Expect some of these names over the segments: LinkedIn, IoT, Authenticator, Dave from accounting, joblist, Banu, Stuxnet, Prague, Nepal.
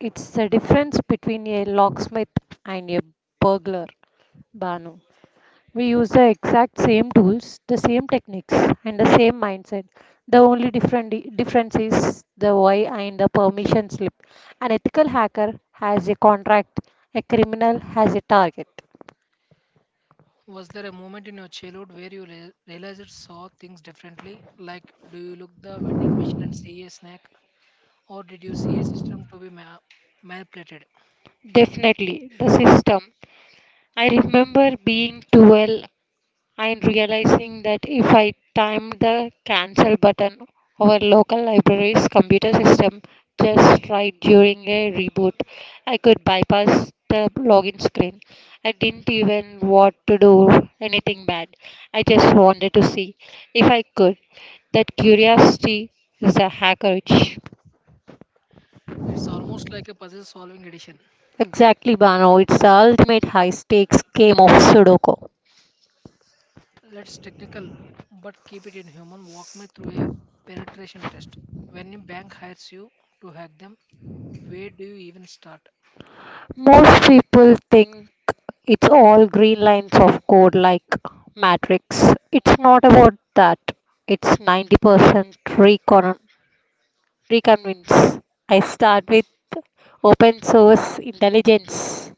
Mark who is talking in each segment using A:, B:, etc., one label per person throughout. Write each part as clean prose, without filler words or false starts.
A: It's the difference between a locksmith and a burglar, Banu. We use the exact same tools, the same techniques, and the same mindset. The only different difference is the why and the permission slip. An ethical hacker has a contract, a criminal has a target.
B: Was there a moment in your childhood where realized you saw things differently? Like, do you look the vending machine and see a snack, or did you see a system to be manipulated?
A: Definitely, the system. I remember being 12, I'm realizing that if I time the cancel button, our local library's computer system just right during a reboot. I could bypass the login screen. I didn't even want to do anything bad. I just wanted to see if I could. That curiosity is a hacker itch.
B: It's almost like a puzzle-solving edition.
A: Exactly, Bano. It's the ultimate high stakes game of Sudoku.
B: Let's technical, but keep it in human. Walk me through a penetration test. When a bank hires you to hack them, where do you even start?
A: Most people think it's all green lines of code like Matrix. It's not about that. It's 90% reconvince. I start with open source intelligence.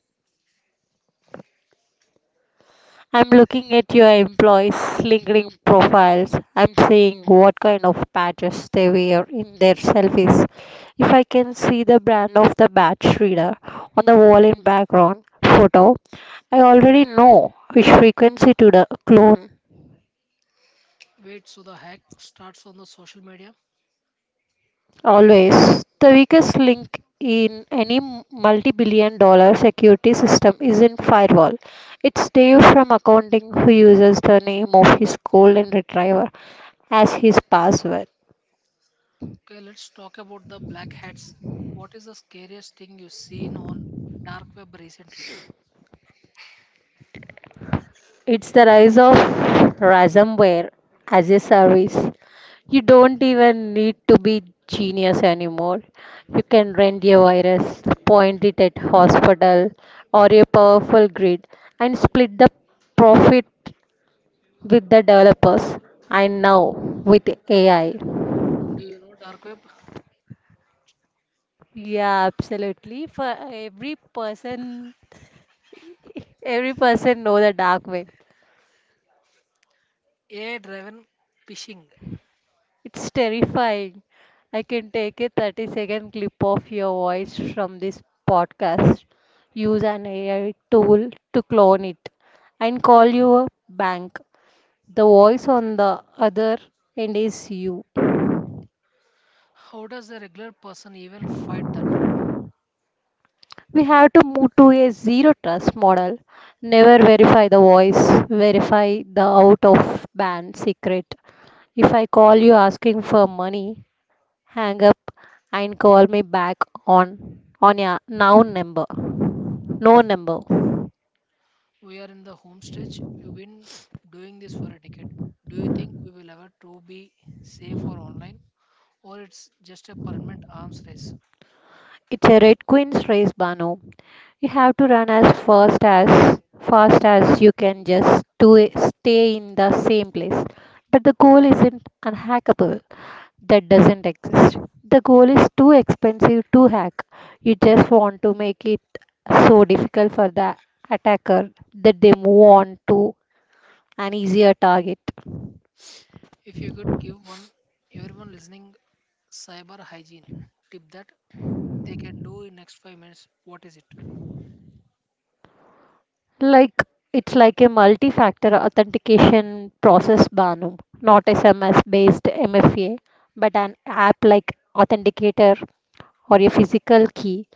A: I'm looking at your employees' LinkedIn profiles. I'm seeing what kind of badges they wear in their selfies. If I can see the brand of the badge reader on the wall in background photo, I already know which frequency to the clone.
B: Wait, so the hack starts on the social media.
A: Always, the weakest link in any multi billion-dollar security system is not firewall. It's Dave from accounting who uses the name of his golden retriever as his password.
B: Okay, let's talk about the black hats. What is the scariest thing you've seen on dark web recently?
A: It's the rise of ransomware as a service. You don't even need to be genius anymore. You can rent your virus, point it at hospital or a powerful grid and split the profit with the developers and now with AI.
B: Do you- Dark web,
A: Yeah, absolutely. For every person, every person know the dark web.
B: AI-driven phishing.
A: It's terrifying. I can take a 30-second clip of your voice from this podcast, use an AI tool to clone it, and call you a bank. The voice on the other end is you.
B: How does a regular person even fight that?
A: We have to move to a zero trust model. Never verify the voice, verify the out of band secret. If I call you asking for money, hang up and call me back on your now number. No number.
B: We are in the home stretch. You've been doing this for a decade. Do you think we will ever to be safe or online, or it's just a permanent arms race?
A: It's a Red Queen's race, Bano. You have to run as fast as you can just to stay in the same place. But the goal isn't unhackable. That doesn't exist. The goal is too expensive to hack. You just want to make it so difficult for the attacker that they move on to an easier target.
B: If you could give one, everyone listening, cyber hygiene tip that they can do in next 5 minutes, what is it?
A: Like it's like a multi-factor authentication process, Banu, not SMS-based MFA, but an app like Authenticator or a physical key.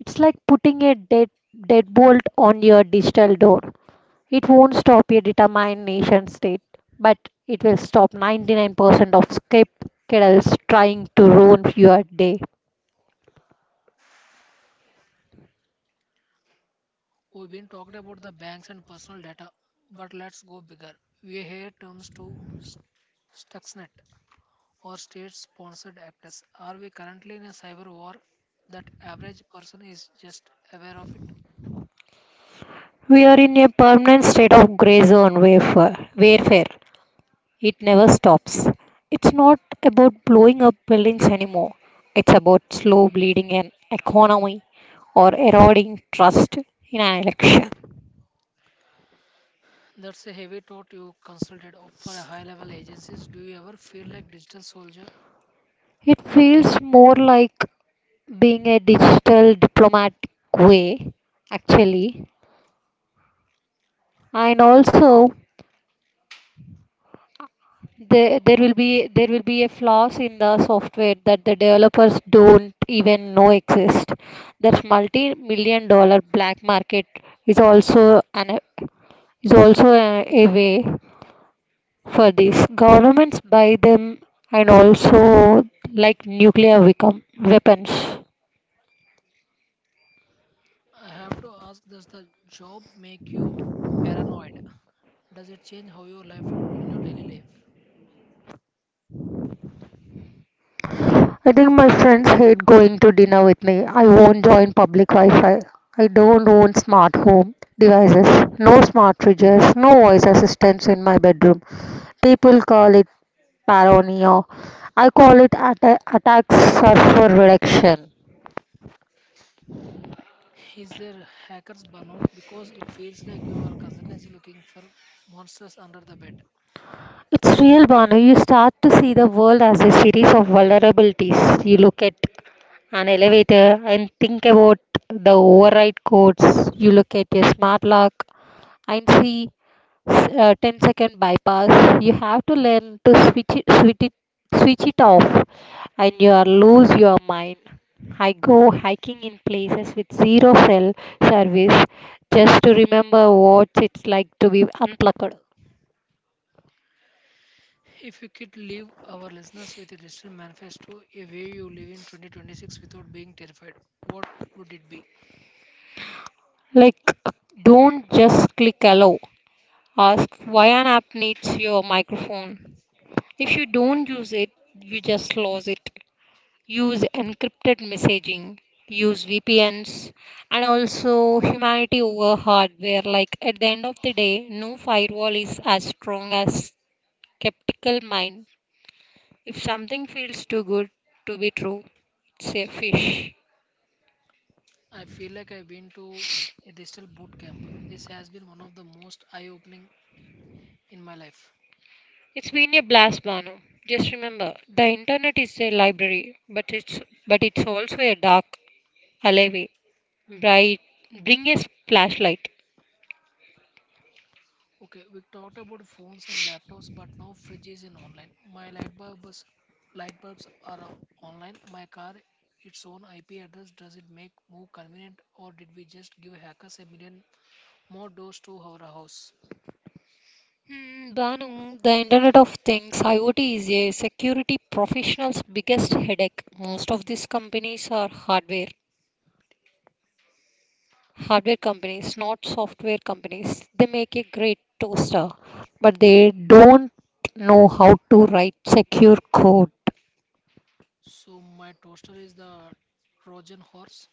A: It's like putting a deadbolt on your digital door. It won't stop a determined nation state, but it will stop 99% of script trying to ruin your day.
B: We've been talked about the banks and personal data, but let's go bigger. We hear terms to st- Stuxnet or state-sponsored actors. Are we currently in a cyber war that average person is just aware of it?
A: We are in a permanent state of gray zone warfare. It never stops. It's not about blowing up buildings anymore. It's about slow bleeding an economy or eroding trust in an election.
B: That's a heavy thought you consulted for a high-level agencies. Do you ever feel like digital soldier?
A: It feels more like being a digital diplomatic way, actually. And also, there will be a flaws in the software that the developers don't even know exist that multi-million-dollar black market is also an is also a way for this governments buy them and also like weapons.
B: I have to ask, does the job make you paranoid? Does it change how your life in your daily life?
A: I think my friends hate going to dinner with me. I won't join public Wi-Fi. I don't own smart home devices. No smart fridges, no voice assistants in my bedroom. People call it paranoia. I call it attacks surfer reduction.
B: Is there hackers burnout? Because it feels like you are constantly looking for monsters under the bed.
A: It's real, Banu. You start to see the world as a series of vulnerabilities. You look at an elevator and think about the override codes. You look at a smart lock and see 10-second bypass you have to learn to switch it off and you are lose your mind. I go hiking in places with zero cell service just to remember what it's like to be unplugged.
B: If you could leave our listeners with a digital manifesto, a way you live in 2026 without being terrified, what would it be?
A: Like don't just click allow, ask why an app needs your microphone. If you don't use it, you just lose it. Use encrypted messaging, use VPNs, and also humanity over hardware. Like at the end of the day, no firewall is as strong as skeptical mind. If something feels too good to be true, it's a fish.
B: I feel like I've been to a digital boot camp. This has been one of the most eye opening in my life.
A: It's been a blast, Bano. Just remember, the internet is a library, but it's also a dark alleyway. Bright, bring a flashlight.
B: Okay, we talked about phones and laptops, but now fridges in online. My light bulbs are online. My car, its own IP address. Does it make more convenient, or did we just give hackers a million more doors to our house?
A: Hmm, Banu, the Internet of Things, IoT, is a security professional's biggest headache. Most of these companies are hardware companies, not software companies. They make a great toaster, but they don't know how to write secure code.
B: So my toaster is the Trojan horse.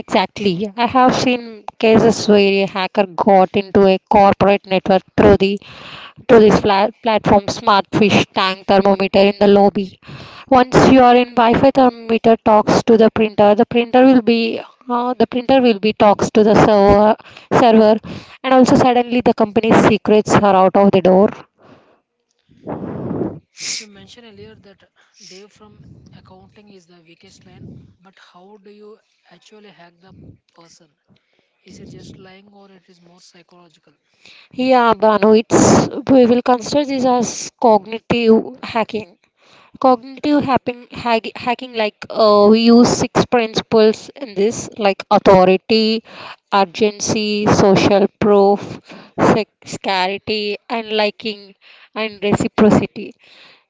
A: Exactly. I have seen cases where a hacker got into a corporate network through the to this flat platform smart fish tank thermometer in the lobby. Once you are in wi-fi, thermometer talks to the printer. The printer will be the printer will be talks to the server and also suddenly the company's secrets are out of the door.
B: You mentioned earlier that Dave from accounting is the weakest line, but how do you actually hack the person? Is it just lying, or it is more psychological?
A: Yeah, Banu, it's, we will consider this as cognitive hacking. Hacking, we use six principles in this, like authority, urgency, social proof, scarcity, and liking, and reciprocity.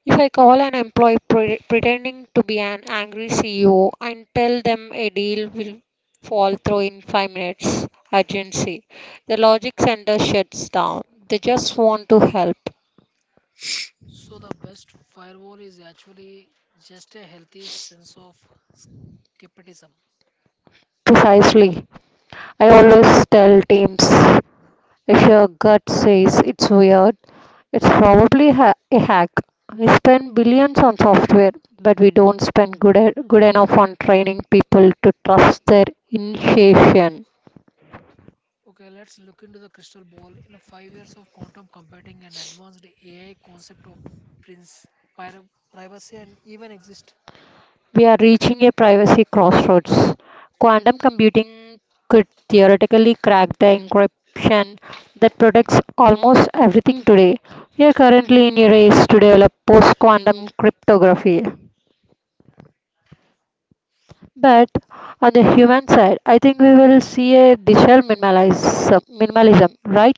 A: If I call an employee pretending to be an angry CEO and tell them a deal will fall through in 5 minutes, urgency, the logic center shuts down. They just want to help.
B: So the best firewall is actually just a healthy sense of skepticism.
A: Precisely. I always tell teams, if your gut says it's weird, it's probably a hack. We spend billions on software, but we don't spend good enough on training people to trust their intuition.
B: Okay, let's look into the crystal ball. In a 5 years of quantum computing and advanced AI concept of prince, pir- privacy and even exist.
A: We are reaching a privacy crossroads. Quantum computing could theoretically crack the encryption that protects almost everything today. We are currently in a race to develop post quantum cryptography. But on the human side, I think we will see a digital minimalism, right?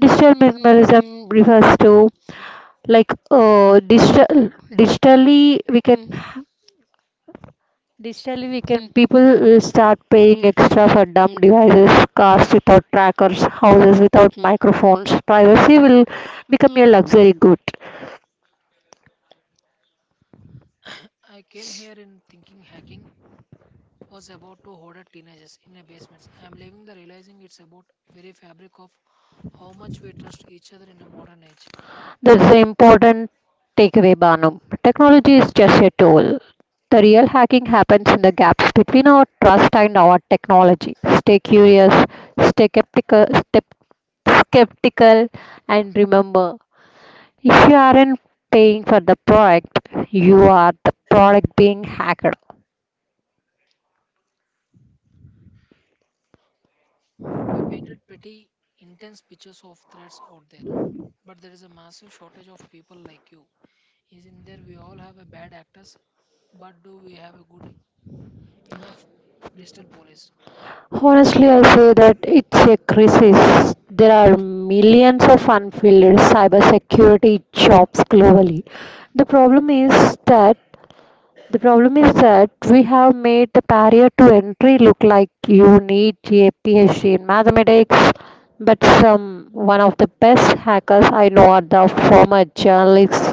A: Digital minimalism refers to, like uh, digital digitally we can digitally we can people will start paying extra for dumb devices, cars without trackers, houses without microphones. Privacy will become a luxury good.
B: I came here in thinking hacking was about to hoarder teenagers in a basement. I am leaving the realizing it's about very fabric of how much we trust each other in a modern age.
A: That's the important takeaway, Banu. Technology is just a tool. The real hacking happens in the gaps between our trust and our technology. Stay curious, stay skeptical, skeptical, and remember, if you aren't paying for the product, you are the product being hacked.
B: We painted pretty intense pictures of threats out there, but there is a massive shortage of people like you. Is in there we all have a bad actors, but do we have a good enough digital police?
A: Honestly, I say that it's a crisis. There are millions of unfilled cybersecurity jobs globally. The problem is that The problem is that we have made the barrier to entry look like you need a PhD in mathematics. But some one of the best hackers I know are the former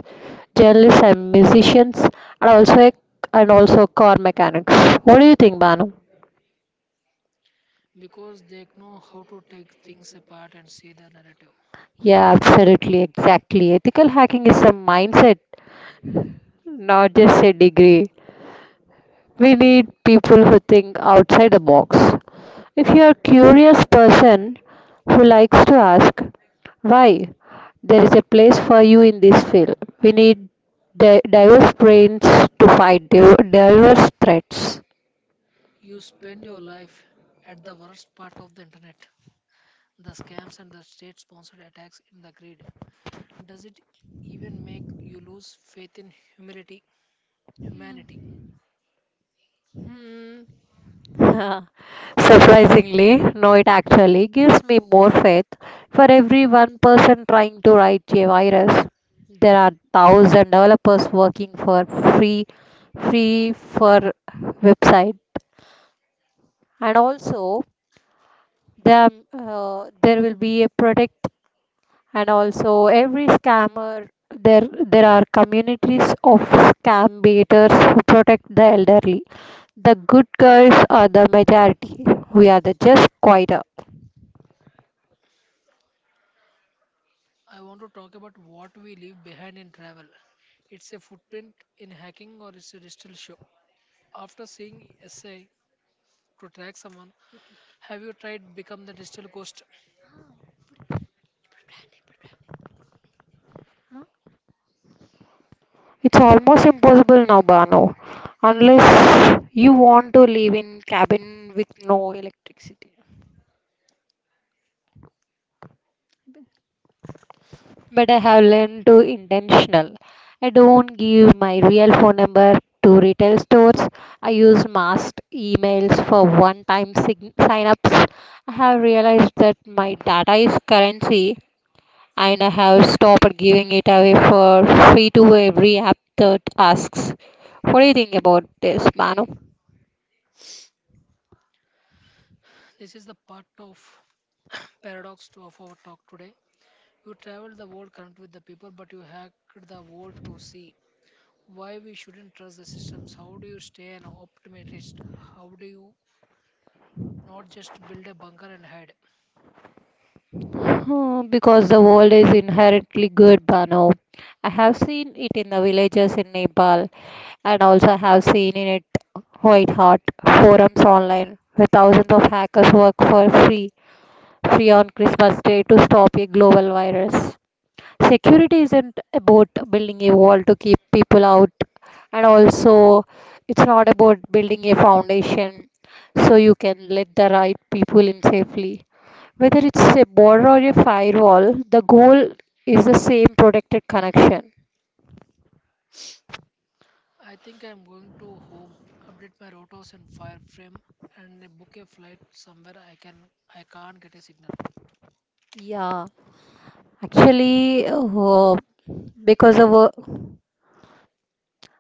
A: journalists and musicians, and also car mechanics. What do you think, Banu?
B: Because they know how to take things apart and see the narrative.
A: Yeah, absolutely, exactly. Ethical hacking is a mindset, not just a degree. We need people who think outside the box. If you are a curious person who likes to ask why, there is a place for you in this field. We need diverse brains to fight diverse threats.
B: You spend your life at the worst part of the internet, the scams and the state-sponsored attacks in the grid. Does it even make you lose faith in humility, humanity?
A: Hmm. Surprisingly, no, it actually gives me more faith. For every one person trying to write a virus, there are thousand developers working for free, free for website, and also there will be a protect, and also every scammer there, there are communities of scam baiters who protect the elderly. The good guys are the majority, we are the just quieter.
B: I want to talk about what we leave behind in travel. It's a footprint in hacking or it's a digital show. After seeing essay to track someone, have you tried become the digital ghost?
A: It's almost impossible now, Bano, unless you want to live in cabin with no electricity. But I have learned to intentional. I don't give my real phone number to retail stores. I use masked emails for sign-ups. I have realized that my data is currency, and I have stopped giving it away for free to every app that asks. What do you think about this, Manu?
B: This is the part of of our talk today. You traveled the world current with the people, but you hacked the world to see why we shouldn't trust the systems. How do you stay an optimist? How do you not just build a bunker and hide?
A: Hmm, because the world is inherently good, Bano. I have seen it in the villages in Nepal and also have seen in it quite hot forums online, where thousands of hackers work for free on Christmas Day to stop a global virus. Security isn't about building a wall to keep people out, and also it's not about building a foundation so you can let the right people in safely. Whether it's a border or a firewall, the goal is the same, protected connection.
B: I think I'm going to home, update my rotos and fireframe, and book a flight somewhere I can't get a signal.
A: Yeah. Actually, because of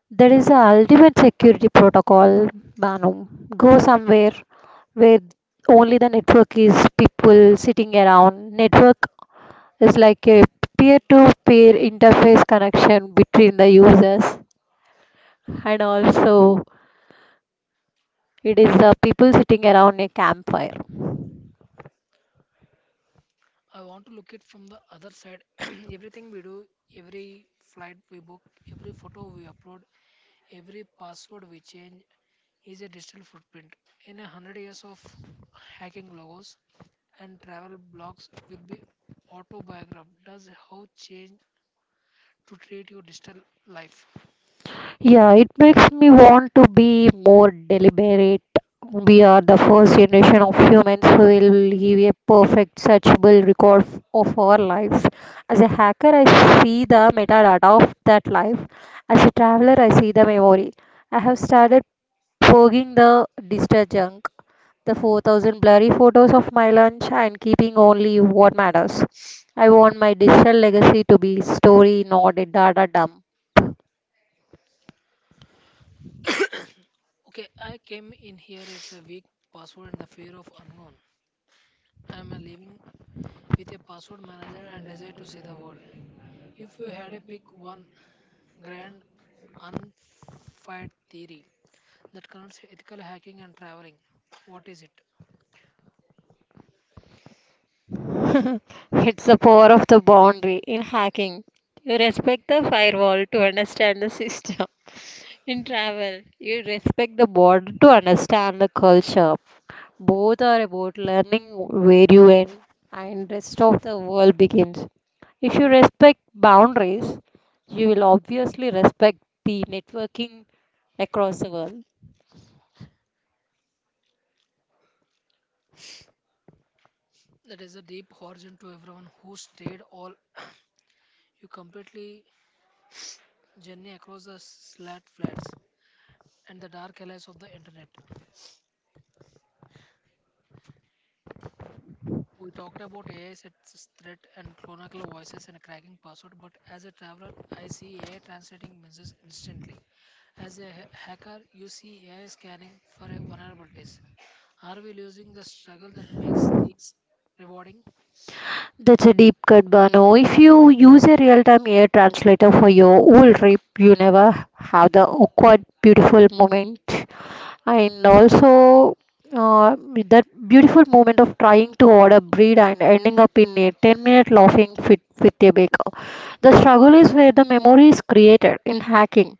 A: there is a ultimate security protocol, Banu. Go somewhere where only the network is people sitting around. Network is like a peer-to-peer interface connection between the users, and also it is the people sitting around a campfire.
B: I want to look it from the other side. Everything we do, every flight we book, every photo we upload, every password we change is a digital footprint. In 100 years of hacking logos and travel blogs will be autobiographed. Does how change to treat your digital life.
A: Yeah, it makes me want to be more deliberate. We are the first generation of humans who will leave a perfect searchable record of our lives. As a hacker, I see the metadata of that life. As a traveler, I see the memory. I have started purging the digital junk, the 4,000 blurry photos of my lunch, and keeping only what matters. I want my digital legacy to be story, not a data dump.
B: Okay, I came in here. It's a weak password and the fear of unknown. I'm a living with a password manager and desire to see the world. If you had a pick one grand unfired theory that connects ethical hacking and traveling. What is it?
A: It's the power of the boundary in hacking. You respect the firewall to understand the system. In travel, you respect the border to understand the culture. Both are about learning where you end and rest of the world begins. If you respect boundaries, you will obviously respect the networking across the world.
B: That is a deep horizon to everyone who stayed all you completely journey across the slat flats and the dark alleys of the internet. We talked about AI as its threat and clonical voices and cracking password, but as a traveler, I see AI translating messages instantly. As a hacker, you see AI scanning for a vulnerabilities. Are we losing the struggle that makes things rewarding?
A: That's a deep cut, Bano. If you use a real-time AI translator for your whole trip, you never have the awkward, beautiful moment. And also uh, that beautiful moment of trying to order bread and ending up in a 10-minute laughing fit with a baker. The struggle is where the memory is created in hacking.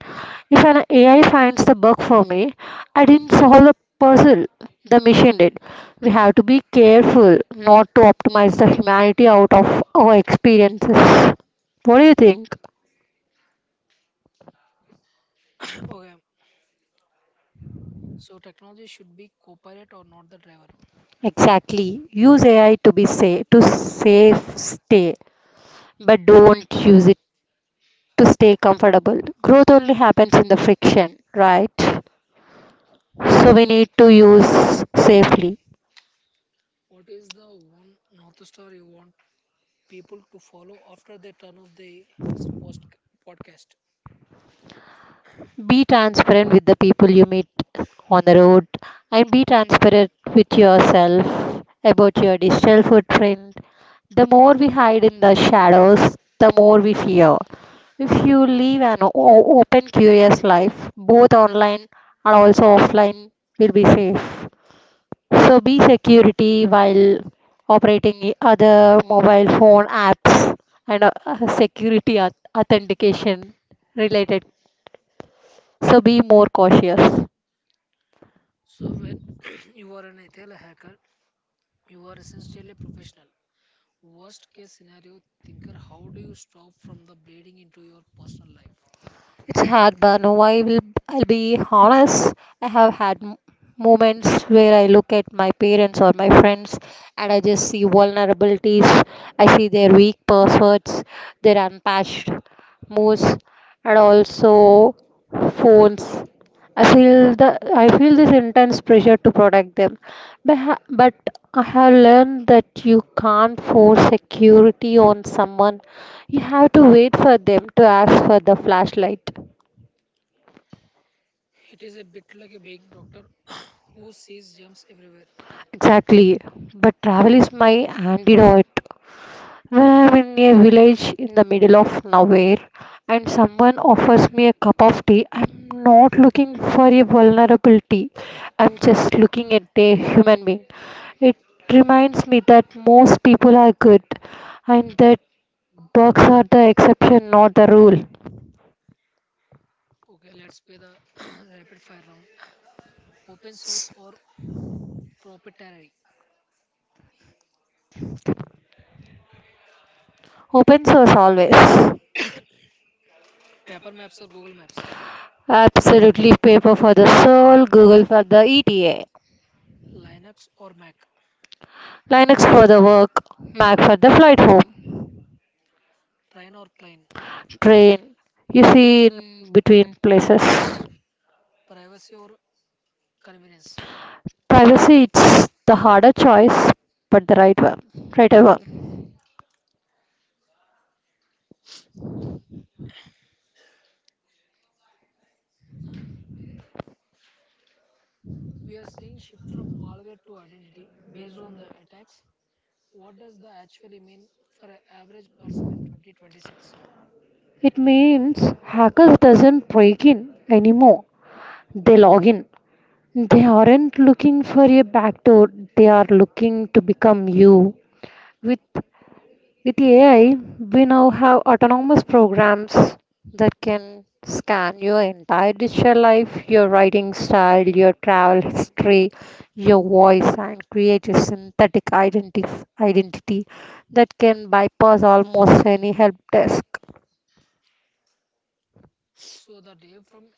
A: If an AI finds the bug for me, I didn't solve the puzzle, the machine did. We have to be careful not to optimize the humanity out of our experiences. What do you think?
B: Okay, so technology should be co-pilot or not the driver.
A: Exactly. Use AI to be safe, to safe stay, but don't use it to stay comfortable. Growth only happens in the friction, right? So we need to use safely.
B: What is the one North Star you want people to follow after they turn off the post- podcast?
A: Be transparent with the people you meet on the road and be transparent with yourself about your digital footprint. The more we hide in the shadows, the more we fear. If you live an open, curious life, both online and also offline will be safe. So be security while operating other mobile phone apps and security authentication related. So be more cautious.
B: So when you are an ethical hacker, you are essentially a professional. Worst case scenario thinker, how do you stop from the bleeding into your personal life?
A: It's hard, but no, I will. I'll be honest. I have had moments where I look at my parents or my friends, and I just see vulnerabilities. I see their weak passwords, their unpatched moves, and also phones. I feel the I feel this intense pressure to protect them, but I have learned that you can't force security on someone. You have to wait for them to ask for the flashlight.
B: It is a bit like a being doctor who sees jumps everywhere.
A: Exactly, but travel is my antidote. When I'm in a village in the middle of nowhere and someone offers me a cup of tea, I'm not looking for a vulnerability. I'm just looking at a human being. It reminds me that most people are good and that bugs are the exception, not the rule.
B: Okay, let's play the rapid fire round. Open source or proprietary?
A: Open source always.
B: Paper maps or Google Maps?
A: Absolutely, paper for the soul, Google for the ETA.
B: Linux or Mac?
A: Linux for the work, Mac for the flight home.
B: Train or plane?
A: Train, you see in between places.
B: Privacy or convenience?
A: Privacy, it's the harder choice, but the right one, right one.
B: We are seeing shift from malware to identity based on the attacks. What does the actually mean for an average person in 2026?
A: It means hackers doesn't break in anymore. They log in. They aren't looking for a backdoor. They are looking to become you. With With AI, we now have autonomous programs that can scan your entire digital life, your writing style, your travel history, your voice, and create a identity that can bypass almost any help desk.
B: So the day from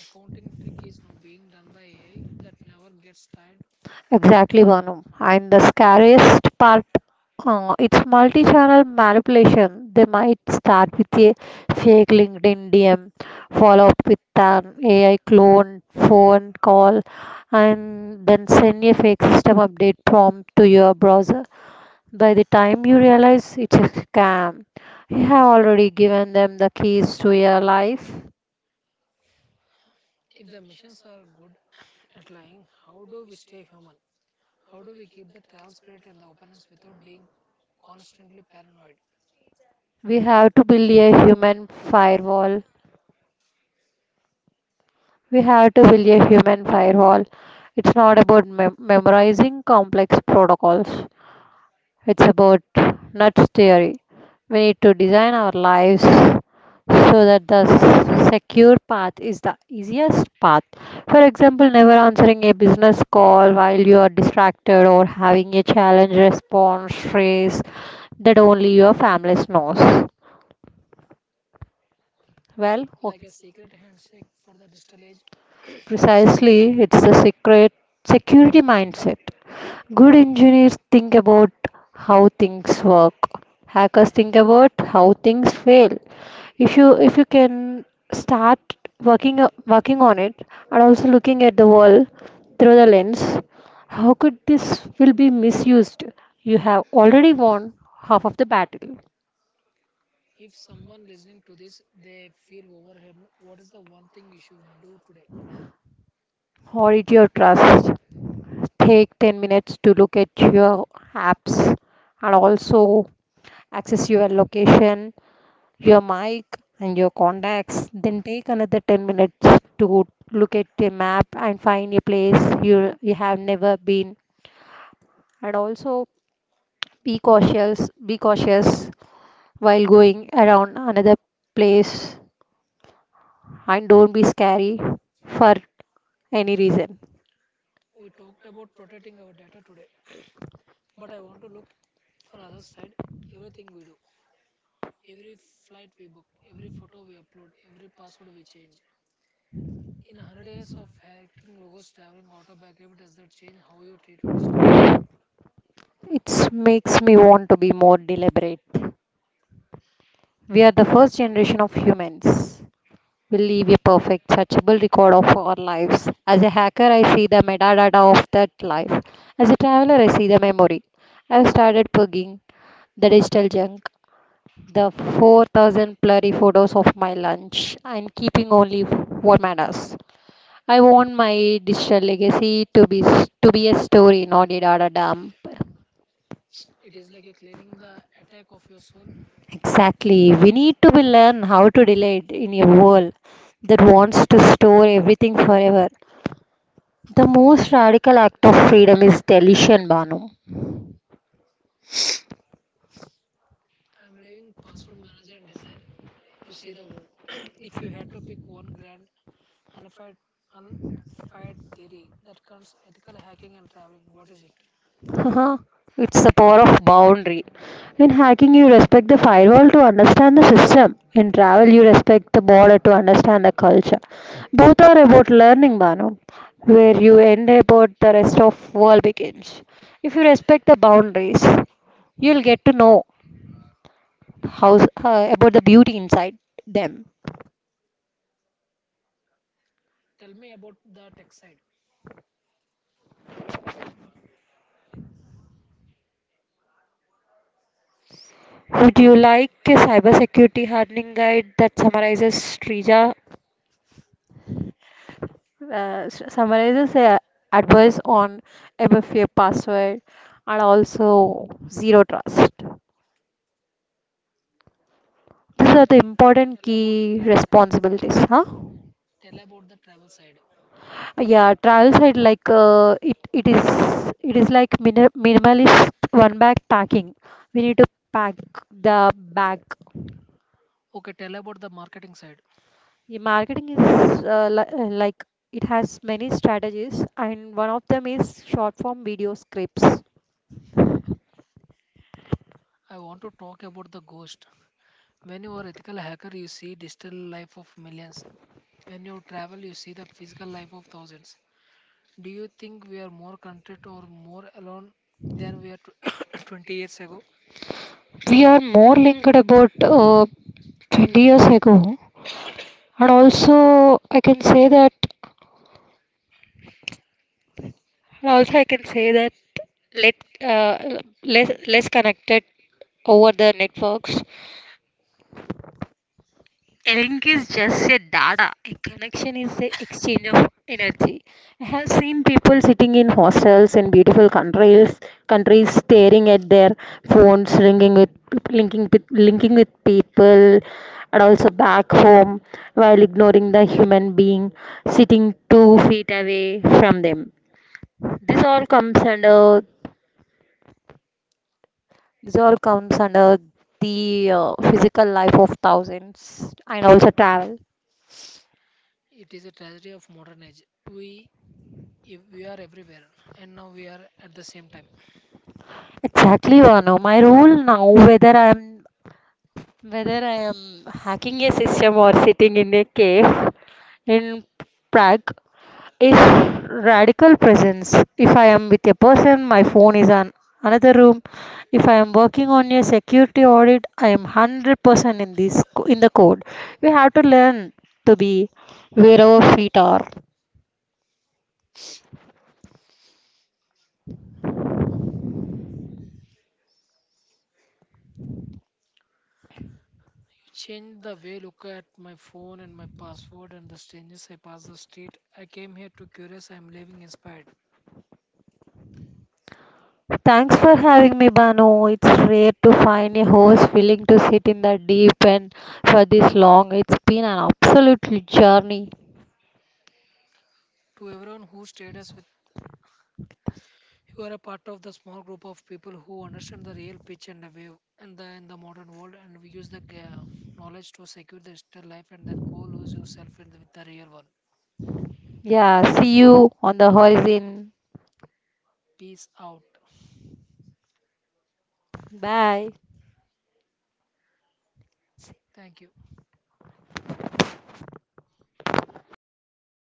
B: accounting trick is now being done by AI that never gets tired.
A: Exactly, Banu. And the scariest part, it's multi-channel manipulation. They might start with a fake LinkedIn DM, follow up with an AI clone phone call, and then send a fake system update prompt to your browser. By the time you realize it's a scam, you have already given them the keys to your life.
B: If the machines are good at lying, how do we stay human? How do we keep the travel spirit and the openness without being constantly paranoid?
A: We have to build a human firewall We have to build a human firewall. It's not about memorizing complex protocols, it's about nuts theory. We need to design our lives so that the secure path is the easiest path. For example, never answering a business call while you are distracted or having a challenge response phrase that only your family knows. Well, o-
B: Like a secret handshake for the digital age.
A: Precisely, it's the secret security mindset. Good engineers think about how things work. Hackers think about how things fail. If you can start working on it and also looking at the world through the lens, how could this will be misused? You have already won half of the battle.
B: If someone listening to this they feel overwhelmed, what is the one thing you should do today?
A: Hoard your trust. Take 10 minutes to look at your apps and also access your location, your mic, and your contacts, then take another 10 minutes to look at a map and find a place you have never been. And also be cautious while going around another place and don't be scary for any reason.
B: We talked about protecting our data today, but I want to look for other side everything we do. Every flight we book, every photo we upload, every password we change. In 100 years of hacking logos, traveling auto back, every does that change how you treat your distance?
A: It makes me want to be more deliberate. We are the first generation of humans will leave a perfect, searchable record of our lives. As a hacker, I see the metadata of that life. As a traveler, I see the memory. I've started plugging the digital junk, the 4,000 blurry photos of my lunch, and keeping only what matters. I want my digital legacy to be a story, not a data dump.
B: It is like a cleaning the attack of your soul.
A: Exactly. We need to be learn how to delete in a world that wants to store everything forever. The most radical act of freedom is deletion, Banu.
B: I am leaving password manager and desire to see the world. If you had to pick one grand unified, unified theory that comes ethical hacking and traveling, what is it?
A: Haha, it's the power of boundary. In hacking, you respect the firewall to understand the system. In travel, you respect the border to understand the culture. Both are about learning, Banu. Where you end about the rest of world begins. If you respect the boundaries, you'll get to know how about the beauty inside them.
B: Tell me about the tech side.
A: Would you like a cybersecurity hardening guide that summarizes Strija summarizes advice on MFA password and also zero trust. These are the important
B: Tell about the
A: key responsibilities, huh?
B: travel, tell about the travel side.
A: Yeah, trial side like it is like mini minimalist one bag packing. We need to pack the bag.
B: Okay, tell about the marketing side.
A: The marketing is li like it has many strategies, and one of them is short form video scripts.
B: I want to talk about the ghost. When you are ethical hacker, you see digital life of millions. When you travel, you see the physical life of thousands. Do you think we are more content or more alone than we are 20 years ago?
A: We are more linked about 20 years ago and also I can say that and also i can say that let uh, less connected over the networks. A link is just a data, a connection is the exchange of energy. I have seen people sitting in hostels in beautiful countries staring at their phones ringing with and and being sitting 2 feet away from them. this all comes under This all comes under the physical life of thousands and also travel.
B: It is a tragedy of modern age. We if we are everywhere, and now we are at the same time.
A: Exactly, Vanu. My rule now, whether I am hacking a system or sitting in a cave in Prague, is radical presence. If I am with a person, my phone is on another room. If I am working on a security audit, I am 100% in this in the code. We have to learn to be where our feet are.
B: You change the way look at my phone and my password and the strangers I pass the street. I came here to curious. I am living inspired.
A: Thanks for having me, Banu. It's rare to find a host willing to sit in the deep end for this long. It's been an absolute journey.
B: To everyone who stayed us with, you are a part of the small group of people who understand the real pitch and the wave and the, in the modern world, and we use the knowledge to secure the digital life and then go lose yourself in the, with the real one.
A: Yeah, see you on the horizon.
B: Peace out.
A: Bye.
B: Thank you.